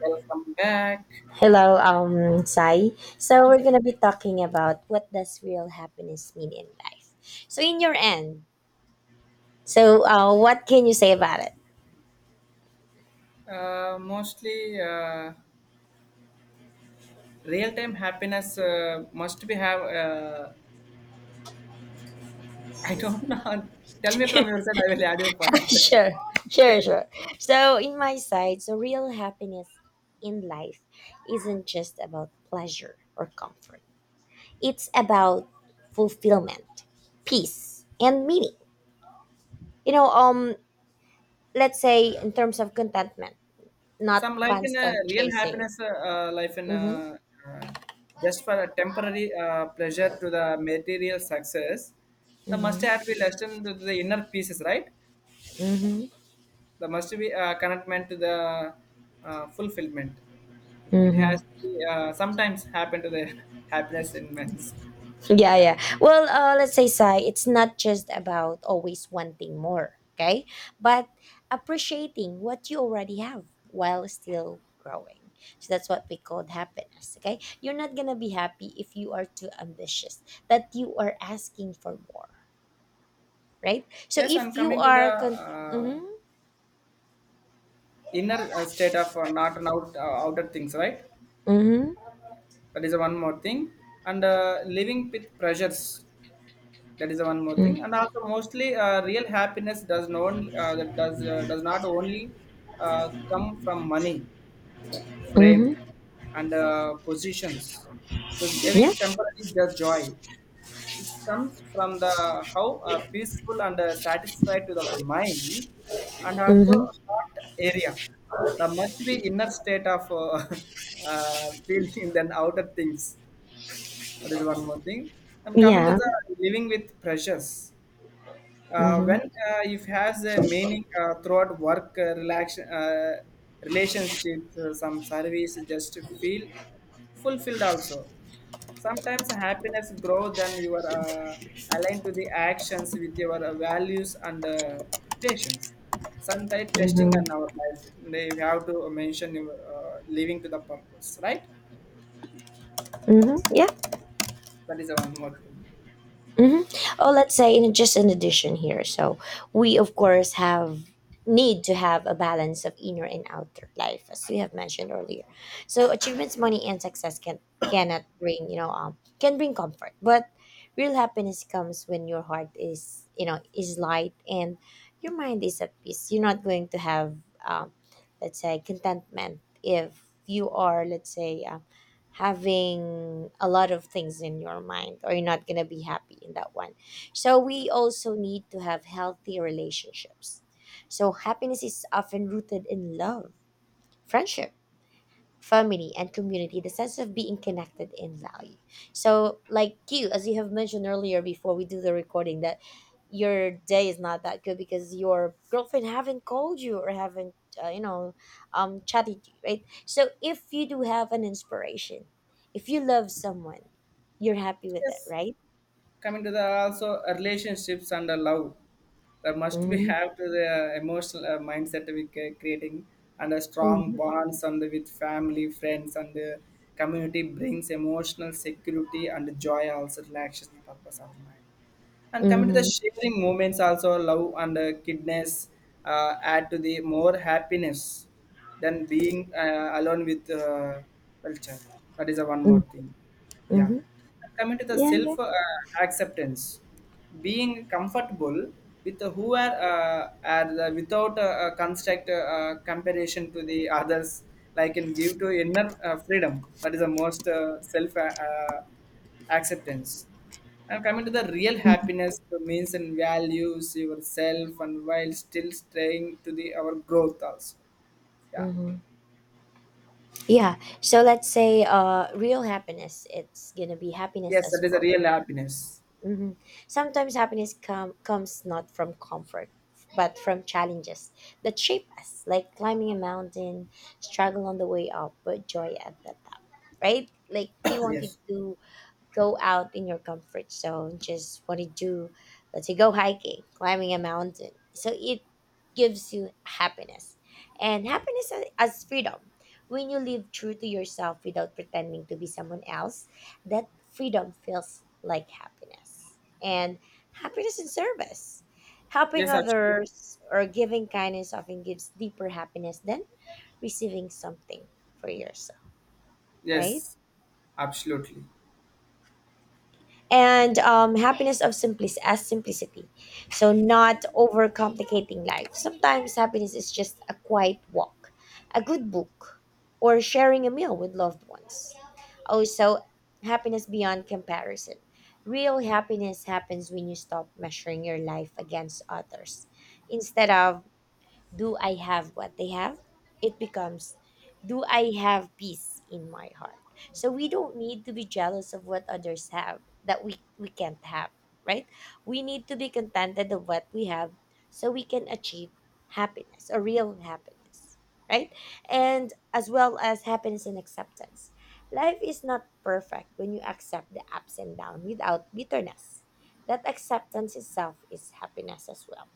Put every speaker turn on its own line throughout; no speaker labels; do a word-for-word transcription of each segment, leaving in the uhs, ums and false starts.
Welcome back.
Hello, um, Sai. So we're gonna be talking about what does real happiness mean in life. So in your end, so uh, what can you say about it?
Uh, mostly, uh, real-time happiness uh, must be have. Uh, I don't know. Tell me from your side. I will add your point.
Sure,
Okay.
sure, sure. So in my side, so real happiness in life isn't just about pleasure or comfort. It's about fulfillment, peace, and meaning. You know, um, let's say in terms of contentment, not
Some like in a
constant
real
chasing.
happiness, uh, uh, life in
Mm-hmm.
a, uh, just for a temporary uh, pleasure to the material success. The must have
Mm-hmm.
be less than to the inner pieces, right?
Mm-hmm.
The must be uh, commitment to the uh, fulfillment. It
Mm-hmm.
has to be, uh, sometimes happen to the happiness in men's.
Yeah,
Yeah.
yeah. Well, uh, let's say, Sai, it's not just about always wanting more, okay? But appreciating what you already have while still growing. So that's what we call happiness, okay? You're not gonna be happy if you are too ambitious, that you are asking for more, right? So
Yes, and
if you
coming to the
are. Con-
uh,
mm-hmm,
inner uh, state of uh, not an out uh, outer things, right?
mm-hmm,
That is one more thing. And uh, living with pressures, that is one more thing. And also, mostly, uh, real happiness does not only, uh, that does uh, does not only uh, come from money,
mm-hmm,
frame,
mm-hmm,
and uh, positions. Thus, giving
yeah,
temporary just joy. It comes from the how uh, peaceful and uh, satisfied to our mind and also
mm-hmm,
heart area. The much be inner state of uh, uh, feeling than outer things. That is one more thing. And coming to
yeah,
the living with pressures uh,
mm-hmm,
when uh, if has a meaning uh, throughout work, uh, relax, uh, relationships, uh, some service just to feel fulfilled also. Sometimes happiness grows than you are uh, aligned to the actions with your uh, values and uh, patience, sometimes testing in
mm-hmm,
our life. They have to mention your uh, living to the purpose, right?
mm-hmm, yeah.
That is one more thing.
Hmm. Oh, let's say in just an addition here. So we of course have need to have a balance of inner and outer life, as we have mentioned earlier. So achievements, money, and success can cannot bring you know um can bring comfort, but real happiness comes when your heart is you know is light and your mind is at peace. You're not going to have um, let's say contentment if you are let's say uh, having a lot of things in your mind, or you're not going to be happy in that one. So we also need to have healthy relationships. So happiness is often rooted in love, friendship, family, and community, the sense of being connected in value. So like you, as you have mentioned earlier before we do the recording, that your day is not that good because your girlfriend haven't called you or haven't uh, you know um chatted you, right? So if you do have an inspiration, if you love someone, you're happy with it,
Yes,
right?
coming to the also uh, relationships and the love, there must be
Mm-hmm.
have to the emotional uh, mindset we ca- creating, and a strong
Mm-hmm.
bonds and with family, friends, and the community brings emotional security and joy, also relaxation purpose of mind. And coming to the sharing moments also love and uh, kindness uh, add to the more happiness than being uh, alone with uh, culture. That is a one more
Mm-hmm.
thing. Yeah.
Mm-hmm.
Coming to the
Yeah,
self
yeah.
uh, acceptance, being comfortable with who are, uh, are the, without uh, uh, construct uh, uh, comparison to the others, like in give to inner uh, freedom. That is the most uh, self uh, uh, acceptance. And coming to the real happiness means and values yourself and while still staying to the our growth also. Yeah.
Mhm. Yeah. So let's say uh real happiness, it's going to be happiness
Yes,
as
that is a
growth.
real happiness.
Mhm. Sometimes happiness com- comes not from comfort, but from challenges that shape us, like climbing a mountain, struggle on the way up, but joy at the top. Right? Like you wanted
Yes,
to go out in your comfort zone. Just what to do, let's say go hiking, climbing a mountain. So it gives you happiness. And happiness a- as freedom. When you live true to yourself without pretending to be someone else, that freedom feels like happiness. And happiness in service. Helping
yes, absolutely.
others or giving kindness often gives deeper happiness than receiving something for yourself, right?
Yes, absolutely.
And um, happiness of simplicity as simplicity, so not overcomplicating life. Sometimes happiness is just a quiet walk, a good book, or sharing a meal with loved ones. Also happiness beyond comparison. Real happiness happens when you stop measuring your life against others. Instead of, do I have what they have? It becomes, do I have peace in my heart? So we don't need to be jealous of what others have that we, we can't have, right? We need to be contented of what we have so we can achieve happiness, a real happiness, right? And as well as happiness and acceptance. Life is not perfect. When you accept the ups and downs without bitterness, that acceptance itself is happiness as well.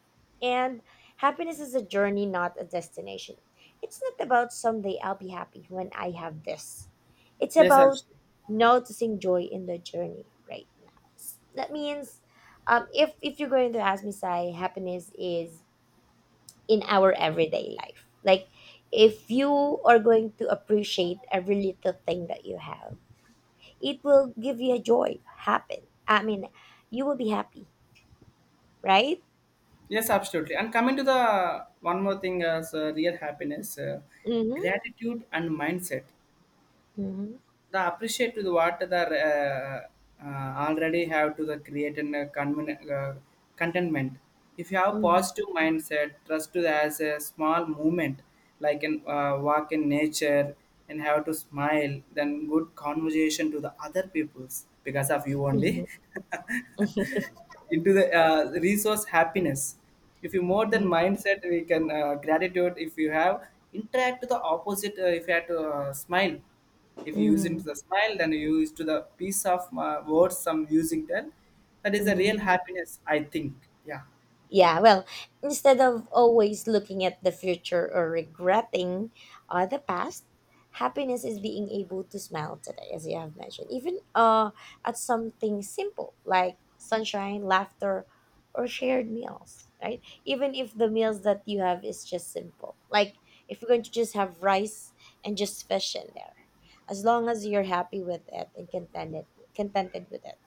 And happiness is a journey, not a destination. It's not about someday I'll be happy when I have this. It's
Yes,
about
absolutely.
noticing joy in the journey right now. S- That means, um, if if you're going to ask me, Sai, happiness is in our everyday life. Like, if you are going to appreciate every little thing that you have, it will give you a joy. Happen. I mean, you will be happy, right?
Yes, absolutely. And coming to the one more thing as uh, real happiness, uh,
Mm-hmm.
gratitude and mindset.
Mm-hmm.
The appreciate to the what the uh, uh, already have to the create and uh, conven- uh, contentment. If you have positive mindset trust to the, as a small movement, like an uh, walk in nature, and have to smile, then good conversation to the other peoples because of you only.
Mm-hmm. Mm-hmm.
Into the uh, resource happiness, if you more than mindset we can uh, gratitude, if you have interact to the opposite, uh, if you have to uh, smile, if you use
Hmm.
into the smile, then you use to the piece of uh, words, some music, then that is a real
Hmm.
happiness, I think. Yeah.
Yeah, well, instead of always looking at the future or regretting uh, the past, happiness is being able to smile today, as you have mentioned, even uh, at something simple like sunshine, laughter, or shared meals, right? Even if the meals that you have is just simple, like if you're going to just have rice and just fish in there, as long as you're happy with it and contented, contented with it,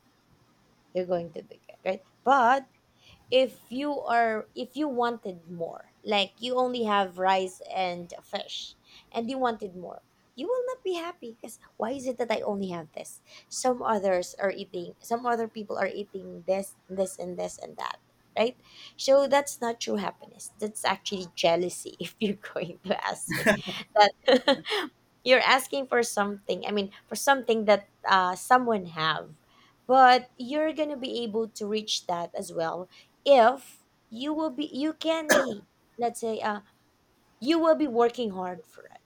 you're going to be good, right? But if you are, if you wanted more, like you only have rice and fish and you wanted more, you will not be happy because why is it that I only have this? Some others are eating, some other people are eating this, this, and this and that, right? So that's not true happiness, that's actually jealousy. If you're going to ask me that, you're asking for something, I mean, for something that uh, someone have, but you're gonna be able to reach that as well. If you will be, you can be, let's say uh, you will be working hard for it,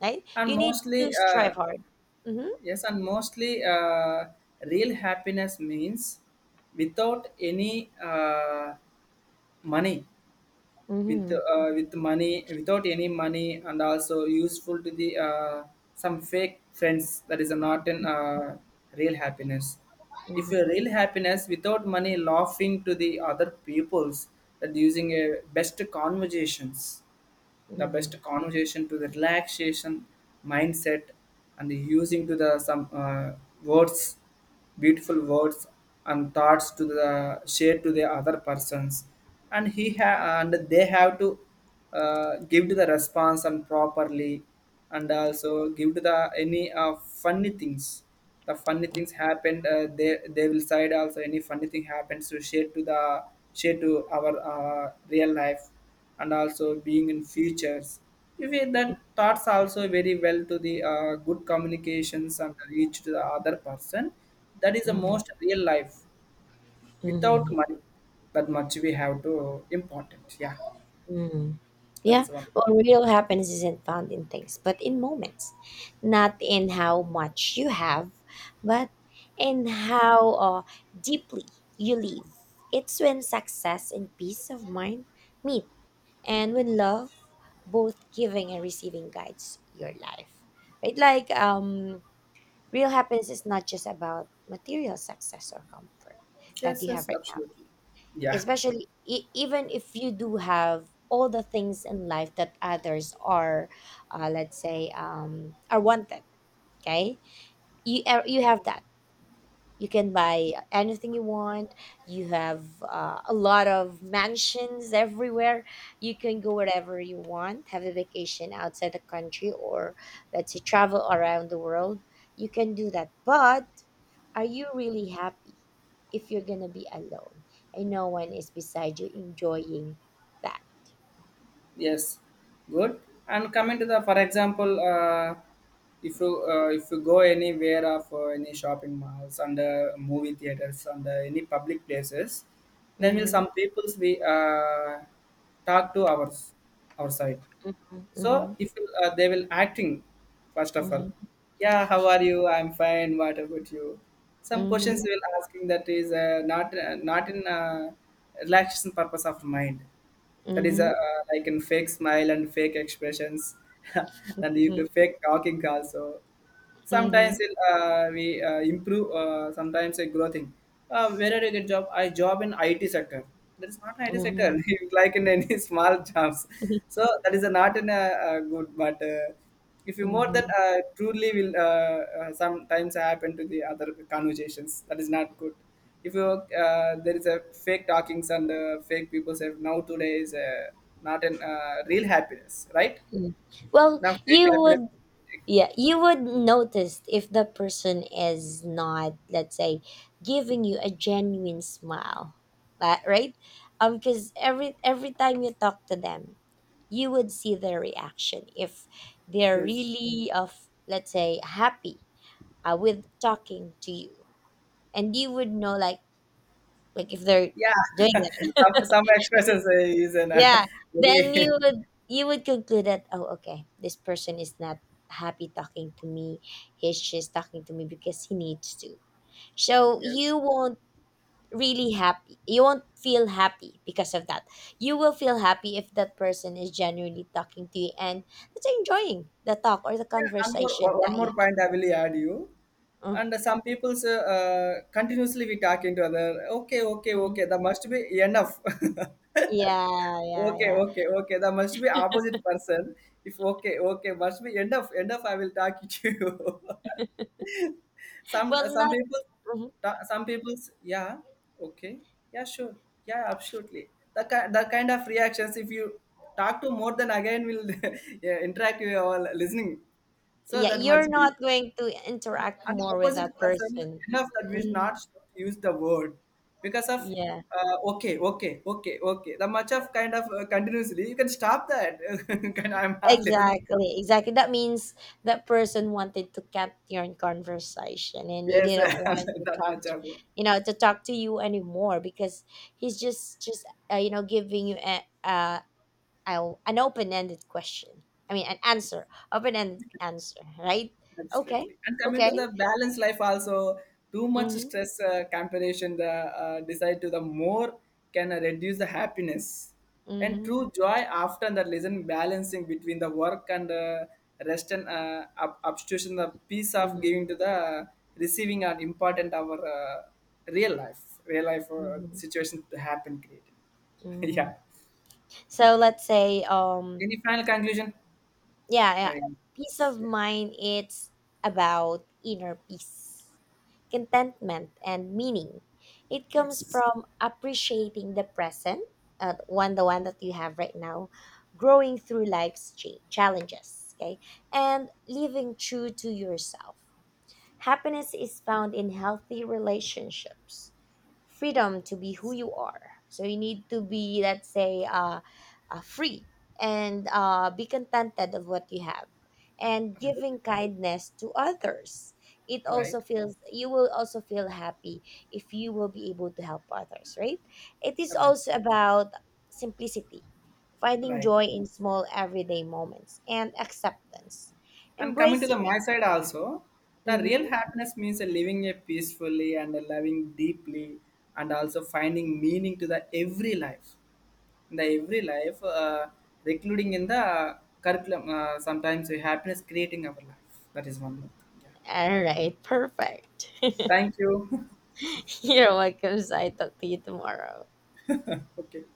right?
and
You need
mostly
to strive
uh,
hard. Mm-hmm.
Yes, and mostly, uh, real happiness means without any uh, money, with
Mm-hmm.
uh, with money without any money, and also useful to the uh, some fake friends, that is not an uh, real happiness. If your real happiness without money, laughing to the other peoples that using a best conversations, the
Mm-hmm.
best conversation to the relaxation mindset, and using to the some uh, words, beautiful words and thoughts to the share to the other persons, and he ha- and they have to uh, give to the response and properly, and also give to the any uh, funny things, the funny things happened, uh, they they will side also any funny thing happens to share to the share to our uh, real life and also being in futures. If we, that thoughts also very well to the uh, good communications and reach to the other person, that is the
Mm-hmm.
most real life. Without
Mm-hmm.
money, that much we have to important. Yeah,
Mm-hmm.
that is
Yeah.
one.
Well, real happiness isn't found in things but in moments, not in how much you have but in how uh, deeply you live. It's when success and peace of mind meet, and when love, both giving and receiving, guides your life, right? Like um real happiness is not just about material success or comfort that
Yes,
you have
yes,
right now,
absolutely. Yeah.
especially e- even if you do have all the things in life that others are uh, let's say um, are wanted, okay? You, uh, you have that. You can buy anything you want, you have uh, a lot of mansions everywhere, you can go wherever you want, have a vacation outside the country, or let's say travel around the world. You can do that, but are you really happy if you're gonna be alone and no one is beside you enjoying that?
Yes, good. And coming to the, for example, uh, if you uh, if you go anywhere of uh, any shopping malls and uh, movie theaters and uh, any public places, then will
Mhm,
some peoples we uh, talk to ours our side.
mhm, mhm,
So if uh, they will acting, first of all,
mhm,
yeah, how are you? I'm fine. What about you? Some questions
mhm,
they will asking that is uh, not uh, not in uh, relaxation purpose of mind.
mhm,
That is uh,
mhm,
uh, like in fake smile and fake expressions, and you can fake talking also sometimes
mhm,
it, uh, we uh, improve uh, sometimes a growth thing. Uh, where did I get job, I job in I T sector? That is not I T sector.
mhm,
It's like in any small jobs. So that is not in a, a good, but uh, if you more that
mhm.
uh, truly will uh, uh, sometimes happen to the other conversations, that is not good. If you uh, there is a fake talkings and uh, fake people say now today is uh, not an uh, real happiness, right?
Well,
Now fake
you
happiness
would. Yeah, you would notice if the person is not, let's say, giving you a genuine smile, li- right? Um, because every every time you talk to them, you would see their reaction, if they're
is.
really of, let's say, happy uh, with talking to you, and you would know like like if they're
Yeah,
doing.
some some expressions uh, is an uh,
Yeah, then
very.
you would you would conclude that oh okay, this person is not happy talking to me. He's just talking to me because he needs to. So
Yes.
you won't really happy. You won't feel happy because of that. You will feel happy if that person is genuinely talking to you and let's enjoying the talk or the
Yeah, and more, one
conversation
one
that you
more point I will add you,
have.
and some people's uh, uh, continuously we talking to other. Okay, okay,
Mm-hmm.
okay. That must be enough.
Yeah, yeah,
Okay,
yeah.
okay, okay. That must be opposite person. If okay, okay, must be enough. Enough. I will talk to you. Some uh,
Well,
some
not
people,
mhm.
some people, yeah, okay, yeah, sure, yeah, absolutely. The ki- the kind of reactions, if you talk to more than again will, yeah, interact with our listening. So
Yeah,
that
you're
must be.
not going to interact
And
more with that
opposite person,
person.
enough, that we should
Mm.
not use the word because of
Yeah.
uh, okay, okay, okay, okay. The much of kind of uh, continuously you can stop that. Can, I'm not listening.
Exactly, exactly. That means that person wanted to cut your conversation and he
Yes,
didn't want to
that
talk
much
to,
of it.
you know, to talk to you anymore because he's just just uh, you know giving you a, uh, a an open-ended question. I mean, an answer, open-ended answer, right? Okay.
Absolutely. And coming to
Okay.
the balanced life also, too much
Mhm.
stress, uh, comparison, the uh, decide to the more can uh, reduce the happiness. And
Mhm.
true joy often the lesson balancing between the work and uh, rest and uh, ob- obstruction, the peace of
Mhm.
giving to the receiving are important our uh, real life, real life uh,
Mhm.
situation to happen created. Yeah.
Mhm. So let's say um
Any final conclusion?
yeah, yeah.
Right.
Peace of
Yeah.
mind, it's about inner peace, contentment, and meaning. It comes
Yes.
from appreciating the present, uh, one the one that you have right now, growing through life's cha- challenges, okay, and living true to yourself. Happiness is found in healthy relationships, freedom to be who you are. So you need to be, let's say, uh, uh, free and uh, be contented of what you have, and giving kindness to others. It
Right.
also feels you will also feel happy if you will be able to help others, right? It is
Right. Right.
also about simplicity, finding
Right.
joy in small everyday moments, and acceptance,
And coming to the
embracing.
my side also, the real
Mhm.
happiness means living a peacefully and loving deeply, and also finding meaning to the every life. In the every life, uh, including in the curriculum, uh, sometimes happiness creating our life. That is one more thing. Yeah.
All right, perfect.
Thank you.
You're welcome, so I talk to you tomorrow.
Okay.